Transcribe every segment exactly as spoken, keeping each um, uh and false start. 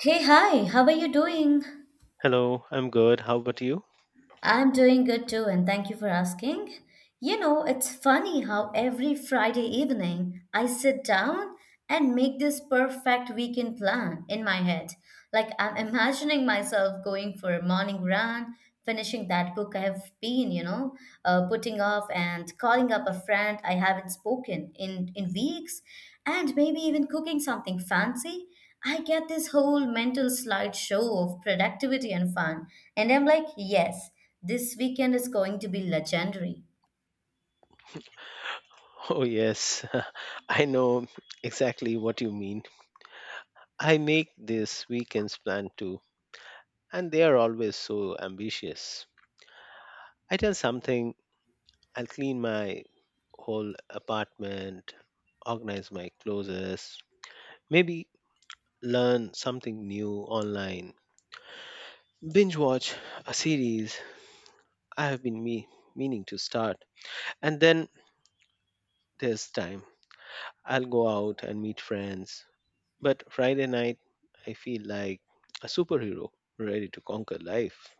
Hey, hi, how are you doing? Hello, I'm good. How about you? I'm doing good too, and thank you for asking. You know, it's funny how every Friday evening I sit down and make this perfect weekend plan in my head. Like I'm imagining myself going for a morning run, finishing that book I have been, you know, uh, putting off and calling up a friend I haven't spoken in in weeks, and maybe even cooking something fancy. I get this whole mental slideshow of productivity and fun, and I'm like, yes, this weekend is going to be legendary. Oh, yes, I know exactly what you mean. I make this weekend's plan too, and they are always so ambitious. I tell something, I'll clean my whole apartment, organize my clothes, maybe learn something new online, binge watch a series I have been me meaning to start. And then there's time. I'll go out and meet friends, but Friday night, I feel like a superhero ready to conquer life.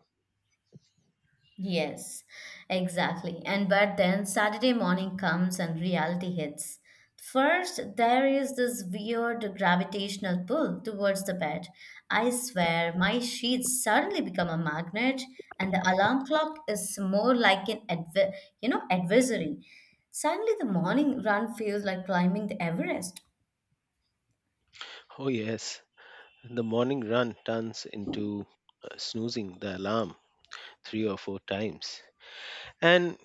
Yes, exactly. And but then Saturday morning comes and reality hits. First, there is this weird gravitational pull towards the bed. I swear, my sheets suddenly become a magnet, and the alarm clock is more like an adver- you know, adversary. Suddenly, the morning run feels like climbing the Everest. Oh, yes, the morning run turns into uh, snoozing the alarm three or four times. And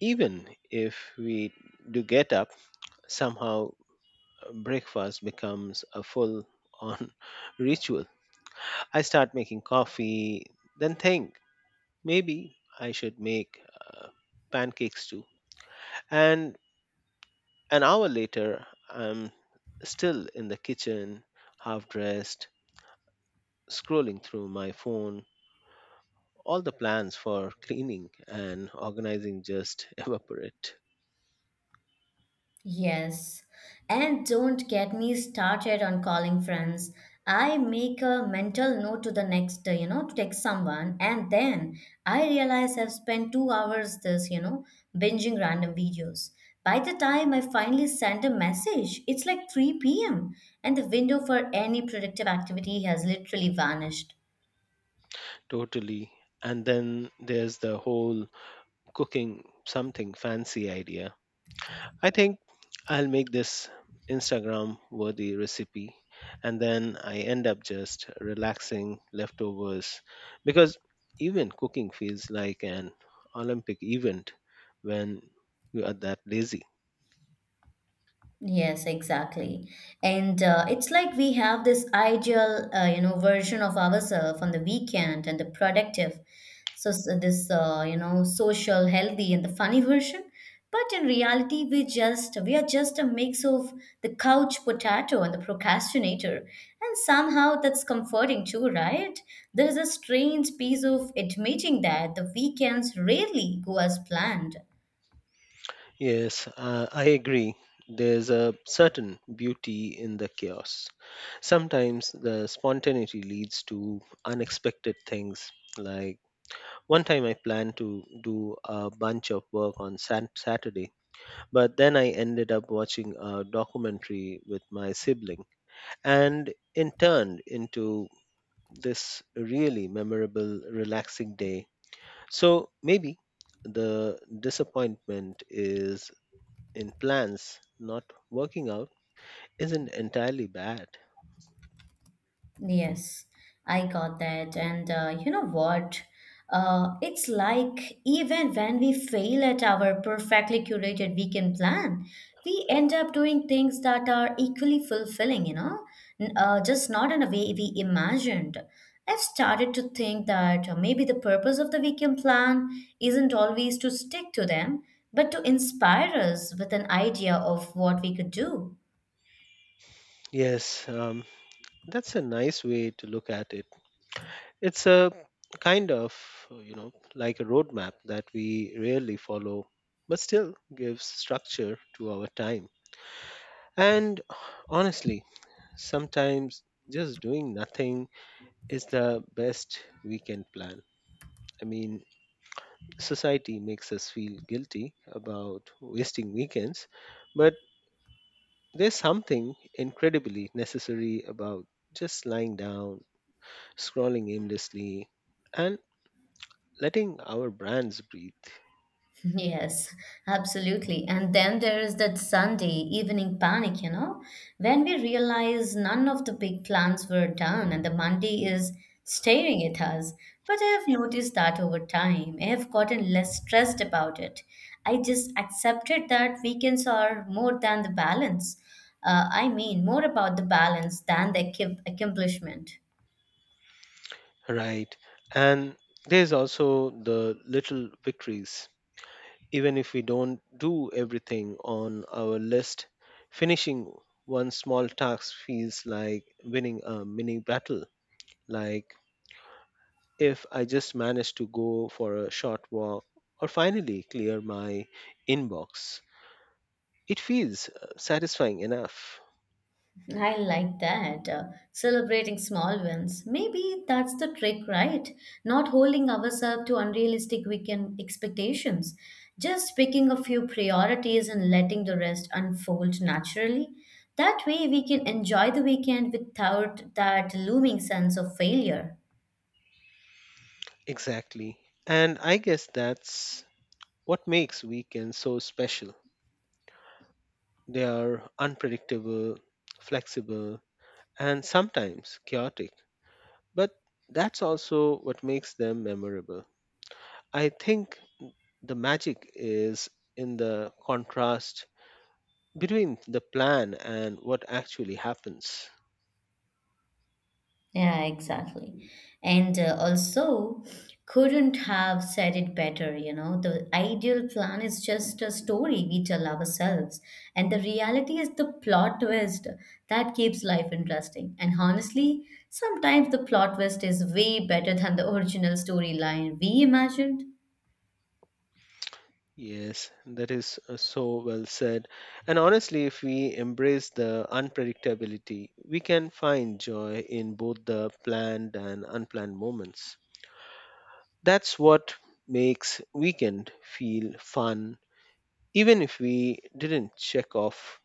even if we do get up, somehow uh, breakfast becomes a full on ritual. I start making coffee, then think maybe I should make uh, pancakes too. And an hour later, I'm still in the kitchen, half dressed, scrolling through my phone. All the plans for cleaning and organizing just evaporate Yes, and don't get me started on calling friends. I make a mental note to the next day, you know, to text someone, and then I realize I've spent two hours this, you know, binging random videos. By the time I finally send a message, it's like three p m, and the window for any productive activity has literally vanished. totally. And then there's the whole cooking something fancy idea. I think I'll make this Instagram worthy recipe, and then I end up just relaxing leftovers because even cooking feels like an Olympic event when you are that lazy. Yes, exactly. And uh, it's like we have this ideal, uh, you know, version of ourselves on the weekend and the productive. So, so this, uh, you know, social, healthy, and the funny version. But in reality, we just we are just a mix of the couch potato and the procrastinator. And somehow that's comforting too, right? There is a strange piece of admitting that the weekends rarely go as planned. Yes, uh, I agree. There's a certain beauty in the chaos. Sometimes the spontaneity leads to unexpected things. Like one time I planned to do a bunch of work on Sat- Saturday, but then I ended up watching a documentary with my sibling, and it turned into this really memorable, relaxing day. So maybe the disappointment is in plans not working out isn't entirely bad. Yes, I got that. And uh, you know what? Uh, it's like even when we fail at our perfectly curated weekend plan, we end up doing things that are equally fulfilling, you know, N- uh, just not in a way we imagined. I've started to think that uh, maybe the purpose of the weekend plan isn't always to stick to them, but to inspire us with an idea of what we could do. Yes, um, that's a nice way to look at it. It's a kind of, you know, like a roadmap that we rarely follow, but still gives structure to our time. And honestly, sometimes just doing nothing is the best weekend plan. I mean, society makes us feel guilty about wasting weekends, but there's something incredibly necessary about just lying down, scrolling aimlessly, and letting our brands breathe, Yes, absolutely. And then there is that Sunday evening panic, you know, when we realize none of the big plans were done and the Monday is staring at us. But I have noticed that over time, I have gotten less stressed about it. I just accepted that weekends are more than the balance. Uh, I mean, more about the balance than the accom- accomplishment. right? And there's also the little victories. Even if we don't do everything on our list, finishing one small task feels like winning a mini battle. Like if I just manage to go for a short walk or finally clear my inbox, it feels uh, satisfying enough. I like that, uh, celebrating small wins. Maybe that's the trick, right? Not holding ourselves to unrealistic weekend expectations. Just picking a few priorities and letting the rest unfold naturally. That way, we can enjoy the weekend without that looming sense of failure. Exactly. And I guess that's what makes weekends so special. They are unpredictable, flexible, and sometimes chaotic, but that's also what makes them memorable. I think the magic is in the contrast between the plan and what actually happens. Yeah, exactly. And uh, also, couldn't have said it better, you know. The ideal plan is just a story we tell ourselves. And the reality is the plot twist that keeps life interesting. And honestly, sometimes the plot twist is way better than the original storyline we imagined. Yes, that is uh, so well said. And honestly, if we embrace the unpredictability, we can find joy in both the planned and unplanned moments. That's what makes weekend feel fun, even if we didn't check off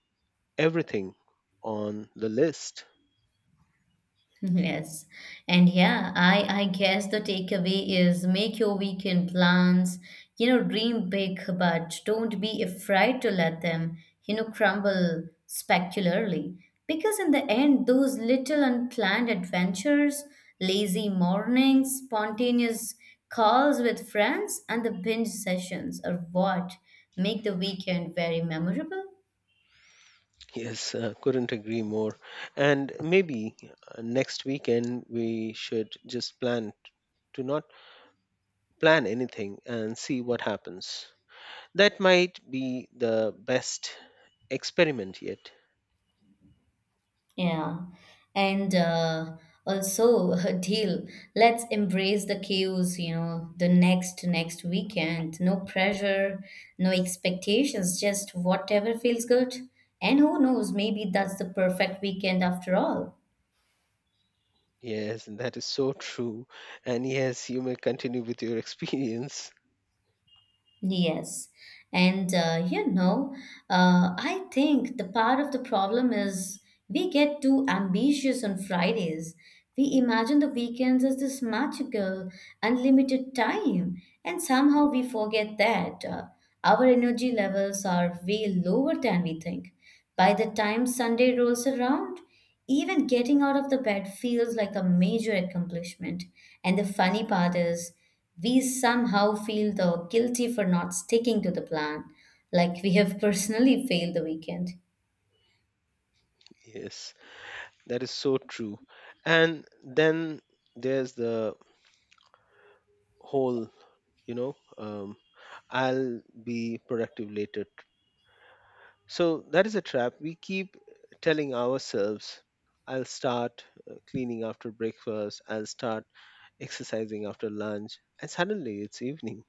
everything on the list. Yes. And yeah, I I guess the takeaway is make your weekend plans, you know, dream big, but don't be afraid to let them, you know, crumble spectacularly. Because in the end, those little unplanned adventures, lazy mornings, spontaneous calls with friends, and the binge sessions are what make the weekend very memorable. Yes, uh, couldn't agree more. And maybe uh, next weekend we should just plan t- to not plan anything and see what happens. That might be the best experiment yet. Yeah. And uh, also a deal. Let's embrace the chaos, you know, the next next weekend. No pressure, no expectations, just whatever feels good. And who knows, maybe that's the perfect weekend after all. Yes, that is so true. And yes, you may continue with your experience. Yes. And uh, you know, uh, I think the part of the problem is we get too ambitious on Fridays. We imagine the weekends as this magical, unlimited time, and somehow we forget that uh, our energy levels are way lower than we think. By the time Sunday rolls around, even getting out of the bed feels like a major accomplishment. And the funny part is, we somehow feel the guilty for not sticking to the plan, like we have personally failed the weekend. Yes, that is so true. And then there's the whole, you know, um, I'll be productive later. So that is a trap. We keep telling ourselves, I'll start uh, cleaning after breakfast, I'll start exercising after lunch. And suddenly it's evening.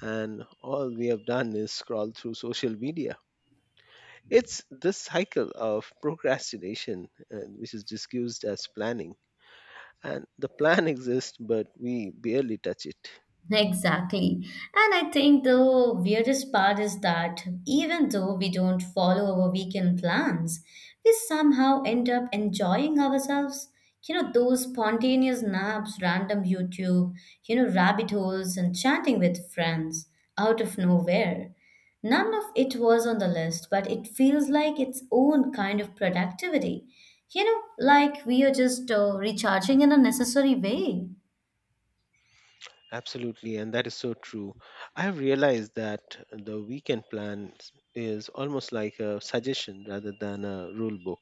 And all we have done is scroll through social media. It's this cycle of procrastination, uh, which is disguised as planning. And the plan exists, but we barely touch it. Exactly. And I think the weirdest part is that even though we don't follow our weekend plans, we somehow end up enjoying ourselves. You know, those spontaneous naps, random YouTube, you know, rabbit holes, and chatting with friends out of nowhere. None of it was on the list, but it feels like its own kind of productivity. You know, like we are just uh, recharging in a necessary way. Absolutely, and that is so true. I have realized that the weekend plan is almost like a suggestion rather than a rule book.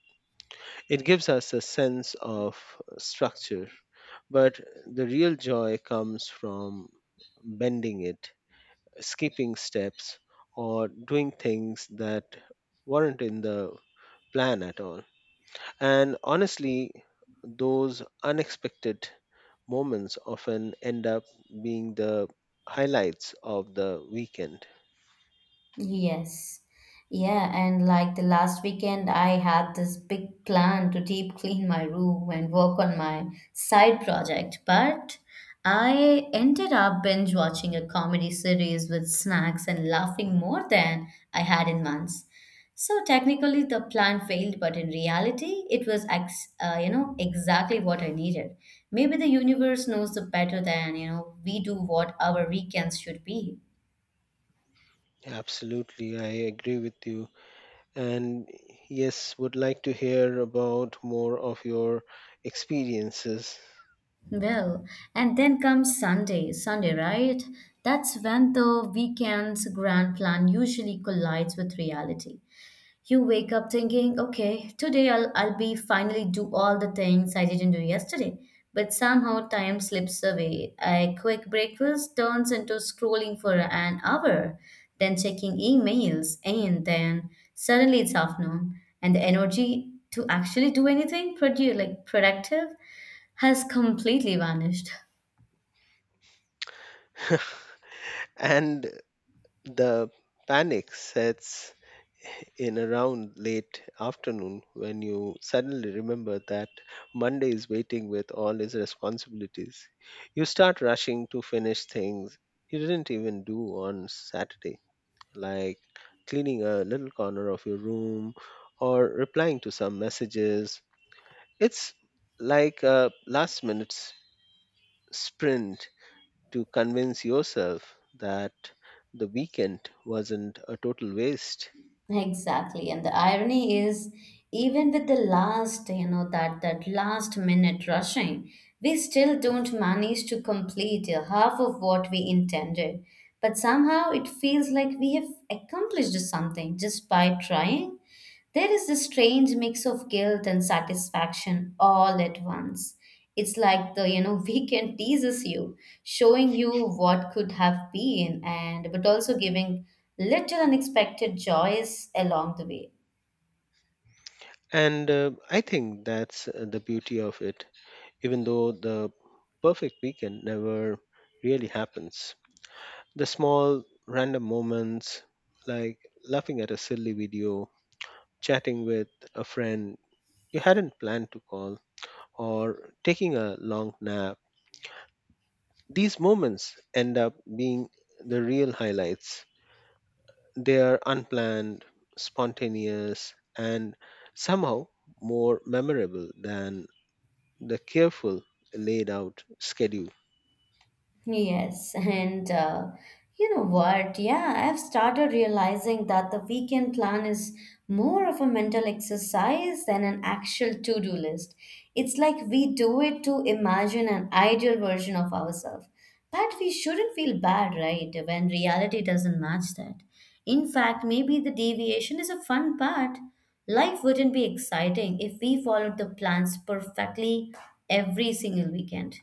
It gives us a sense of structure, but the real joy comes from bending it, skipping steps, or doing things that weren't in the plan at all. And honestly, those unexpected moments often end up being the highlights of the weekend. Yes. Yeah, and like the last weekend, I had this big plan to deep clean my room and work on my side project, but I ended up binge watching a comedy series with snacks and laughing more than I had in months. So technically, the plan failed, but in reality, it was ex- uh, you know, exactly what I needed. Maybe the universe knows the better than you know we do what our weekends should be. Absolutely, I agree with you. And yes, would like to hear about more of your experiences. Well, and then comes Sunday, Sunday, right? That's when the weekend's grand plan usually collides with reality. You wake up thinking, okay, today I'll, I'll be finally do all the things I didn't do yesterday. But somehow time slips away. A quick breakfast turns into scrolling for an hour, then checking emails, and then suddenly it's afternoon, and the energy to actually do anything produ- like productive has completely vanished. And the panic sets in around late afternoon when you suddenly remember that Monday is waiting with all its responsibilities. You start rushing to finish things you didn't even do on Saturday, like cleaning a little corner of your room or replying to some messages. It's like a last minute s- sprint to convince yourself that the weekend wasn't a total waste. Exactly. And the irony is, even with the last, you know, that that last minute rushing, we still don't manage to complete uh, half of what we intended. But somehow it feels like we have accomplished something just by trying. There is this strange mix of guilt and satisfaction all at once. It's like the you know weekend teases you, showing you what could have been, and but also giving little unexpected joys along the way. And uh, I think that's uh, the beauty of it, even though the perfect weekend never really happens. The small, random moments, like laughing at a silly video, chatting with a friend you hadn't planned to call, or taking a long nap, these moments end up being the real highlights. They are unplanned, spontaneous, and somehow more memorable than the careful laid out schedule. Yes, and uh, you know what? Yeah, I've started realizing that the weekend plan is more of a mental exercise than an actual to-do list. It's like we do it to imagine an ideal version of ourselves. But we shouldn't feel bad, right, when reality doesn't match that. In fact, maybe the deviation is a fun part. Life wouldn't be exciting if we followed the plans perfectly every single weekend.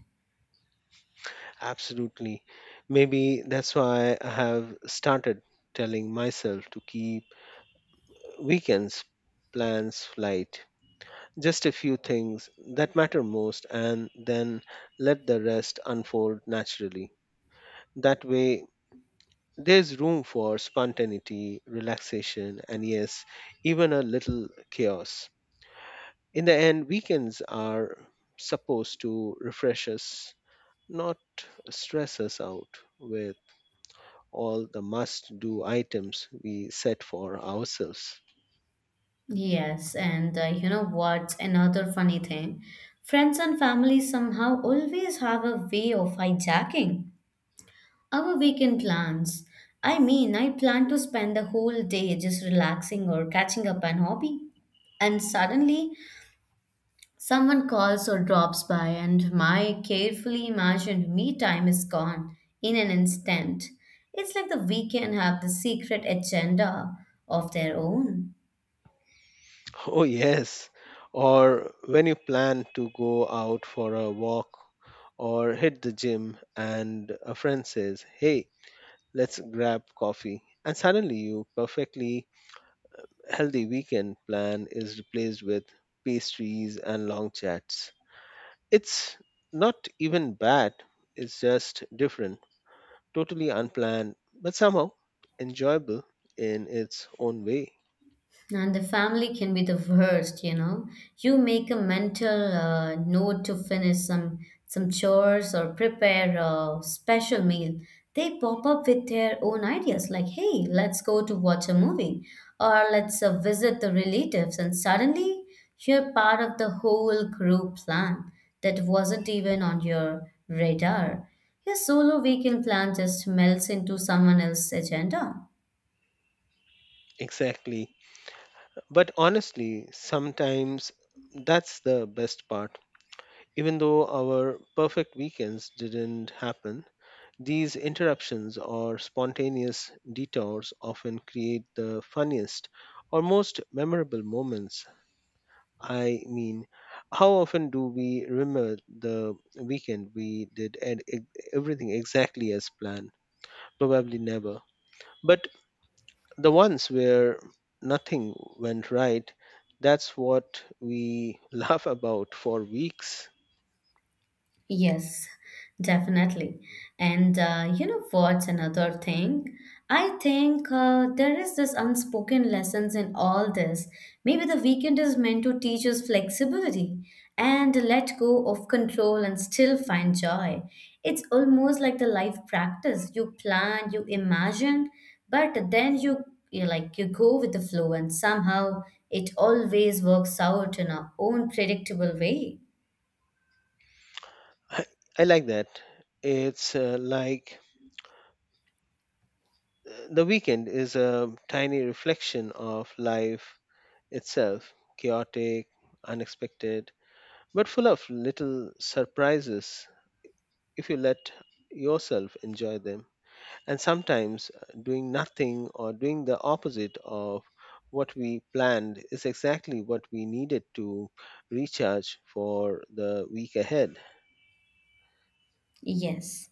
Absolutely. Maybe that's why I have started telling myself to keep weekends plans light. Just a few things that matter most, and then let the rest unfold naturally. That way, there's room for spontaneity, relaxation, and yes, even a little chaos. In the end, weekends are supposed to refresh us, not stress us out with all the must do items we set for ourselves. Yes, and uh, you know what's another funny thing? Friends and family somehow always have a way of hijacking our weekend plans. I mean, I plan to spend the whole day just relaxing or catching up on hobby. And suddenly, someone calls or drops by, and my carefully imagined me time is gone in an instant. It's like the weekend have the secret agenda of their own. Oh, yes. Or when you plan to go out for a walk or hit the gym, and a friend says, "Hey, let's grab coffee." And suddenly, your perfectly healthy weekend plan is replaced with pastries and long chats. It's not even bad, it's just different. Totally unplanned, but somehow enjoyable in its own way. And the family can be the worst, you know. You make a mental uh, note to finish some some chores or prepare a special meal. They pop up with their own ideas, like, "Hey, let's go to watch a movie," or "Let's uh, visit the relatives." And suddenly, you're part of the whole group plan that wasn't even on your radar. Your solo weekend plan just melts into someone else's agenda. Exactly. But honestly, sometimes that's the best part. Even though our perfect weekends didn't happen, these interruptions or spontaneous detours often create the funniest or most memorable moments. I mean, how often do we remember the weekend we did and e- everything exactly as planned? Probably never. But the ones where nothing went right, that's what we laugh about for weeks. Yes, definitely. And uh, you know what's another thing? I think uh, there is this unspoken lessons in all this. Maybe the weekend is meant to teach us flexibility and let go of control and still find joy. It's almost like the life practice. You plan, you imagine, but then you you like you go with the flow and somehow it always works out in our own predictable way. I, I like that. It's uh, like uh, the weekend is a tiny reflection of life itself, chaotic, unexpected, but full of little surprises if you let yourself enjoy them. And sometimes uh, doing nothing or doing the opposite of what we planned is exactly what we needed to recharge for the week ahead. Yes.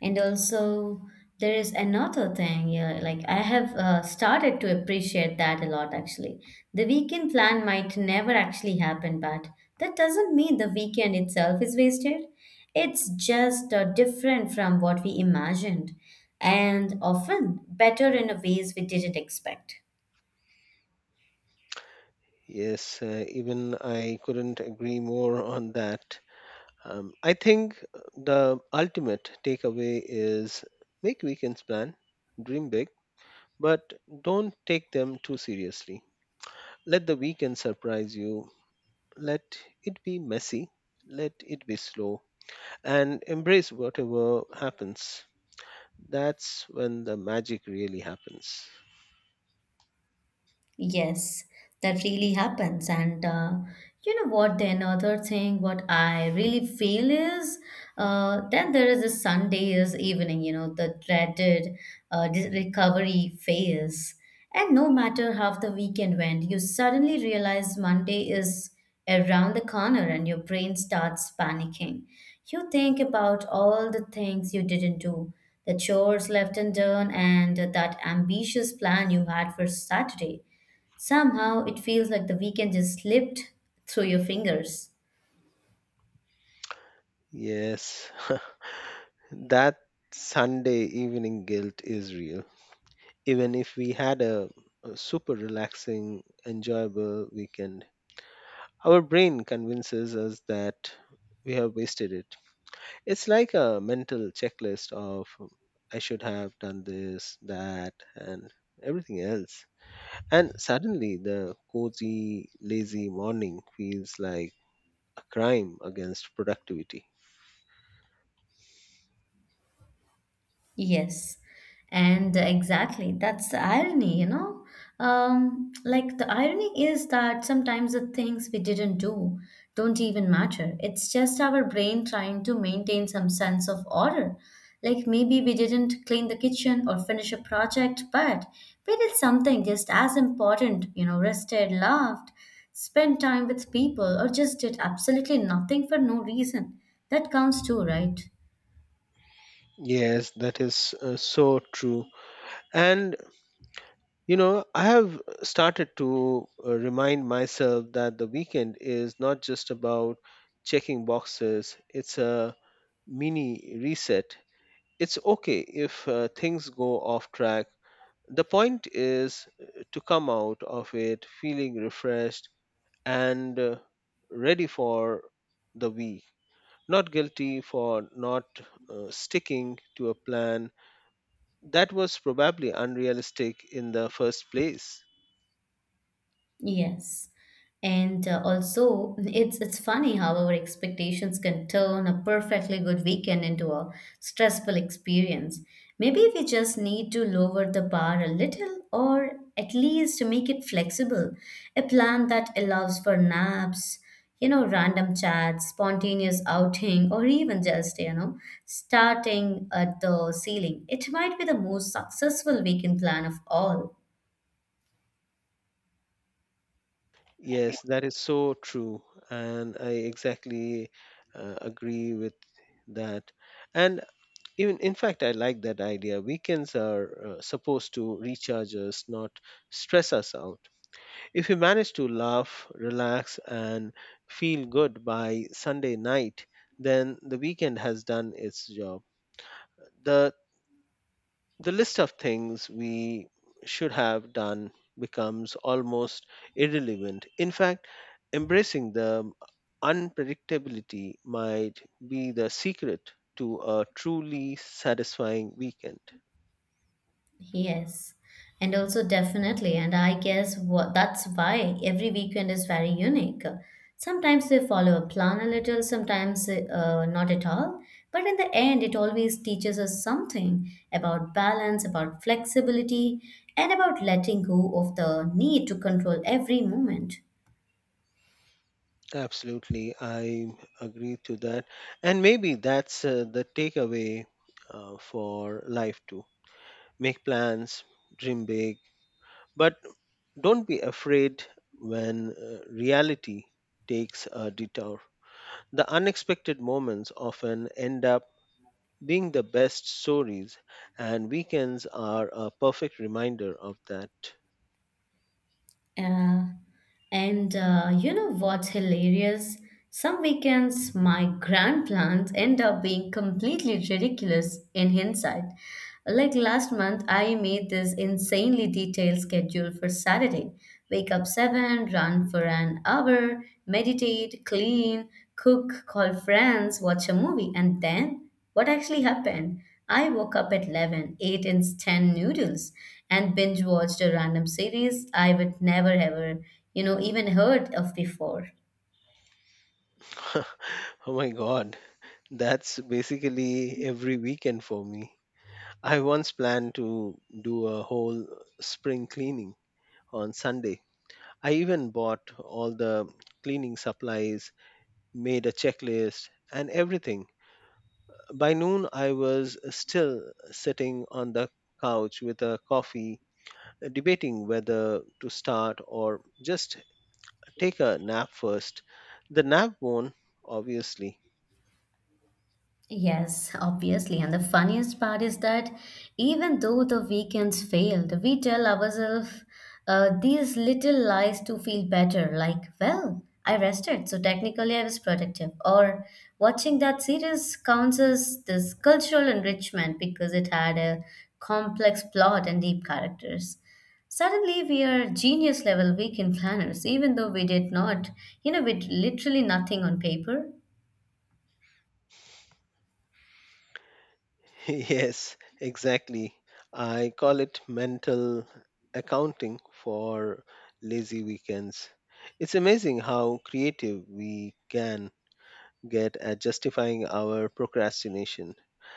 And also, there is another thing, yeah, like I have uh, started to appreciate that a lot actually. The weekend plan might never actually happen, but that doesn't mean the weekend itself is wasted. It's just uh, different from what we imagined, and often better in a ways we didn't expect. Yes, uh, even I couldn't agree more on that. Um, I think the ultimate takeaway is make weekends plan, dream big, but don't take them too seriously. Let the weekend surprise you. Let it be messy, let it be slow, and embrace whatever happens. That's when the magic really happens. Yes, that really happens. And uh, you know what? The another thing, what I really feel is, uh, then there is a Sunday's evening. You know, the dreaded uh, dis- recovery phase. And no matter how the weekend went, you suddenly realize Monday is around the corner, and your brain starts panicking. You think about all the things you didn't do, the chores left undone, and that ambitious plan you had for Saturday. Somehow it feels like the weekend just slipped through your fingers. Yes, that Sunday evening guilt is real. Even if we had a, a super relaxing, enjoyable weekend, our brain convinces us that we have wasted it. It's like a mental checklist of I should have done this, that, and everything else. And suddenly, the cozy, lazy morning feels like a crime against productivity. Yes, and exactly. That's the irony, you know. Um, like the irony is that sometimes the things we didn't do don't even matter. It's just our brain trying to maintain some sense of order. Like maybe we didn't clean the kitchen or finish a project, but we did something just as important, you know, rested, laughed, spent time with people, or just did absolutely nothing for no reason. That counts too, right? Yes, that is uh, so true. And, you know, I have started to uh, remind myself that the weekend is not just about checking boxes, it's a mini reset. It's okay if uh, things go off track. The point is uh, to come out of it feeling refreshed and uh, ready for the week, not guilty for not uh, sticking to a plan that was probably unrealistic in the first place. Yes. And uh, also, it's it's funny how our expectations can turn a perfectly good weekend into a stressful experience. Maybe we just need to lower the bar a little, or at least make it flexible. A plan that allows for naps, you know, random chats, spontaneous outing, or even just, you know, starting at the ceiling. It might be the most successful weekend plan of all. Yes, that is so true, and I exactly uh, agree with that. And even in fact, I like that idea. Weekends are uh, supposed to recharge us, not stress us out. If you manage to laugh, relax, and feel good by Sunday night, then the weekend has done its job. The, the list of things we should have done becomes almost irrelevant. In fact, embracing the unpredictability might be the secret to a truly satisfying weekend. Yes, and also definitely, and I guess what that's why every weekend is very unique. Sometimes they follow a plan a little, sometimes uh, not at all. But in the end, it always teaches us something about balance, about flexibility, and about letting go of the need to control every moment. Absolutely, I agree to that. And maybe that's uh, the takeaway uh, for life too. Make plans, dream big, but don't be afraid when uh, reality takes a detour. The unexpected moments often end up being the best stories, and weekends are a perfect reminder of that. Uh, and uh, You know what's hilarious? Some weekends, my grand plans end up being completely ridiculous in hindsight. Like last month, I made this insanely detailed schedule for Saturday. Wake up seven, run for an hour, meditate, clean, cook, call friends, watch a movie, and then what actually happened? I woke up at eleven, ate instant noodles, and binge watched a random series I would never ever, you know, even heard of before. Oh my god, that's basically every weekend for me. I once planned to do a whole spring cleaning on Sunday. I even bought all the cleaning supplies, made a checklist, and everything. By noon, I was still sitting on the couch with a coffee, debating whether to start or just take a nap first. The nap won, obviously. Yes, obviously. And the funniest part is that even though the weekends failed, we tell ourselves uh, these little lies to feel better. Like, well, I rested, so technically I was productive. Or watching that series counts as this cultural enrichment because it had a complex plot and deep characters. Suddenly, we are genius level weekend planners, even though we did not, you know, with literally nothing on paper. Yes, exactly. I call it mental accounting for lazy weekends. It's amazing how creative we can get at justifying our procrastination.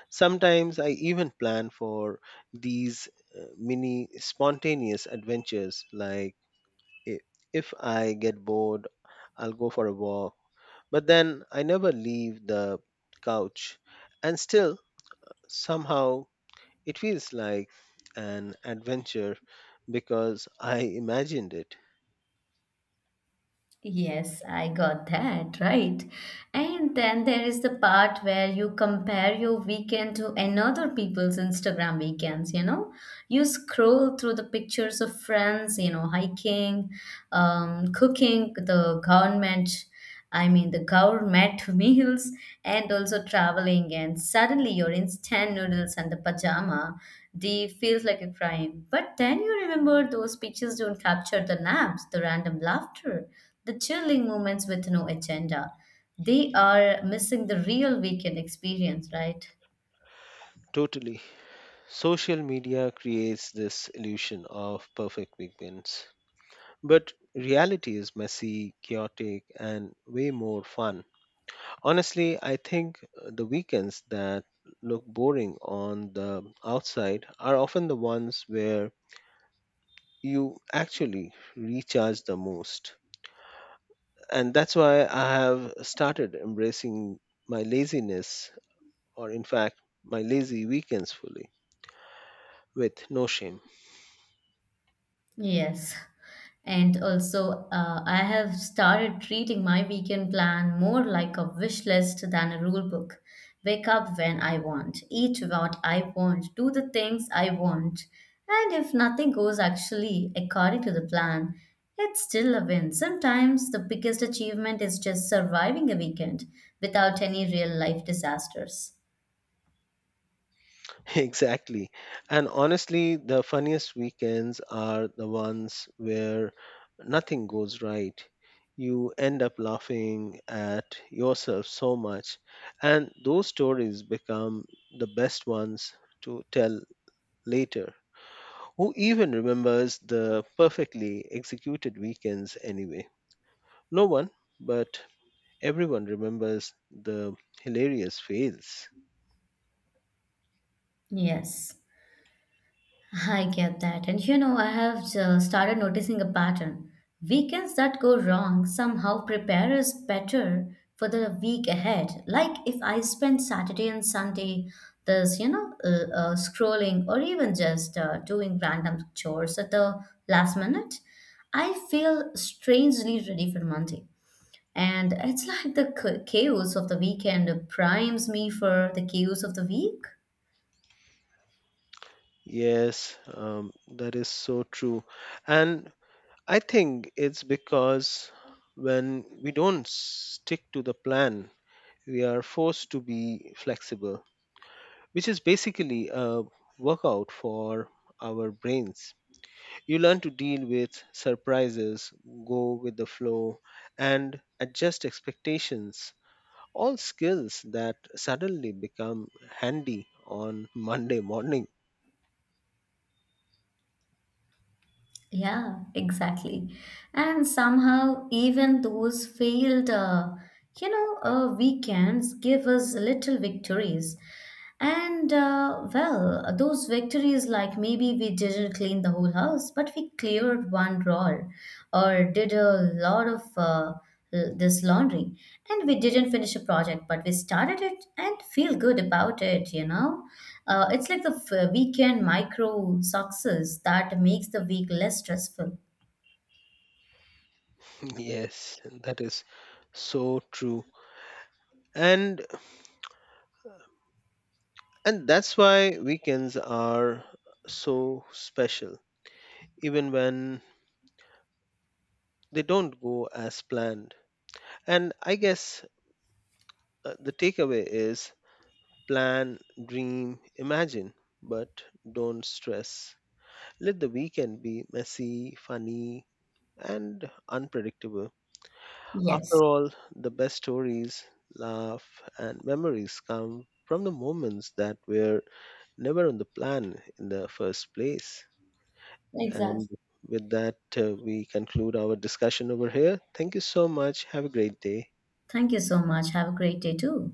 Sometimes I even plan for these uh, mini spontaneous adventures, like i- if I get bored, I'll go for a walk. But then I never leave the couch, and still somehow it feels like an adventure because I imagined it. Yes, I got that, right? And then there is the part where you compare your weekend to another people's Instagram weekends, you know? You scroll through the pictures of friends, you know, hiking, um, cooking, the government. I mean, the gourmet meals and also traveling, and suddenly your instant noodles and the pajama, they feels like a crime. But then you remember those pictures don't capture the naps, the random laughter, the chilling moments with no agenda. They are missing the real weekend experience, right? Totally. Social media creates this illusion of perfect weekends. But reality is messy, chaotic, and way more fun. Honestly, I think uh, the weekends that look boring on the outside are often the ones where you actually recharge the most. And that's why I have started embracing my laziness, or in fact, my lazy weekends fully with no shame. Yes. And also, uh, I have started treating my weekend plan more like a wish list than a rule book. Wake up when I want, eat what I want, do the things I want. And if nothing goes actually according to the plan, it's still a win. Sometimes the biggest achievement is just surviving a weekend without any real life disasters. Exactly. And honestly, the funniest weekends are the ones where nothing goes right. You end up laughing at yourself so much, and those stories become the best ones to tell later. Who even remembers the perfectly executed weekends anyway? No one, but everyone remembers the hilarious fails. Yes. I get that. And you know, I have uh, started noticing a pattern. Weekends that go wrong somehow prepare us better for the week ahead. Like if I spend Saturday and Sunday this, you know, uh, uh, scrolling or even just uh, doing random chores at the last minute, I feel strangely ready for Monday. And it's like the cha- chaos of the weekend primes me for the chaos of the week. Yes, um, that is so true. And I think it's because when we don't stick to the plan, we are forced to be flexible, which is basically a workout for our brains. You learn to deal with surprises, go with the flow, and adjust expectations. All skills that suddenly become handy on Monday morning. Yeah, exactly. And somehow, even those failed, uh, you know, uh, weekends give us little victories. And uh, well, those victories like maybe we didn't clean the whole house, but we cleared one drawer or did a lot of uh, l- this laundry. And we didn't finish a project, but we started it and feel good about it, you know? Uh, it's like the f- weekend micro success that makes the week less stressful. Yes, that is so true. And and that's why weekends are so special even when they don't go as planned. And I guess uh, the takeaway is plan, dream, imagine, but don't stress. Let the weekend be messy, funny, and unpredictable. After Yes, all, the best stories, laugh, and memories come from the moments that were never on the plan in the first place. exactly. And with that, uh, we conclude our discussion over here. Thank you so much. Have a great day. Thank you so much. Have a great day too.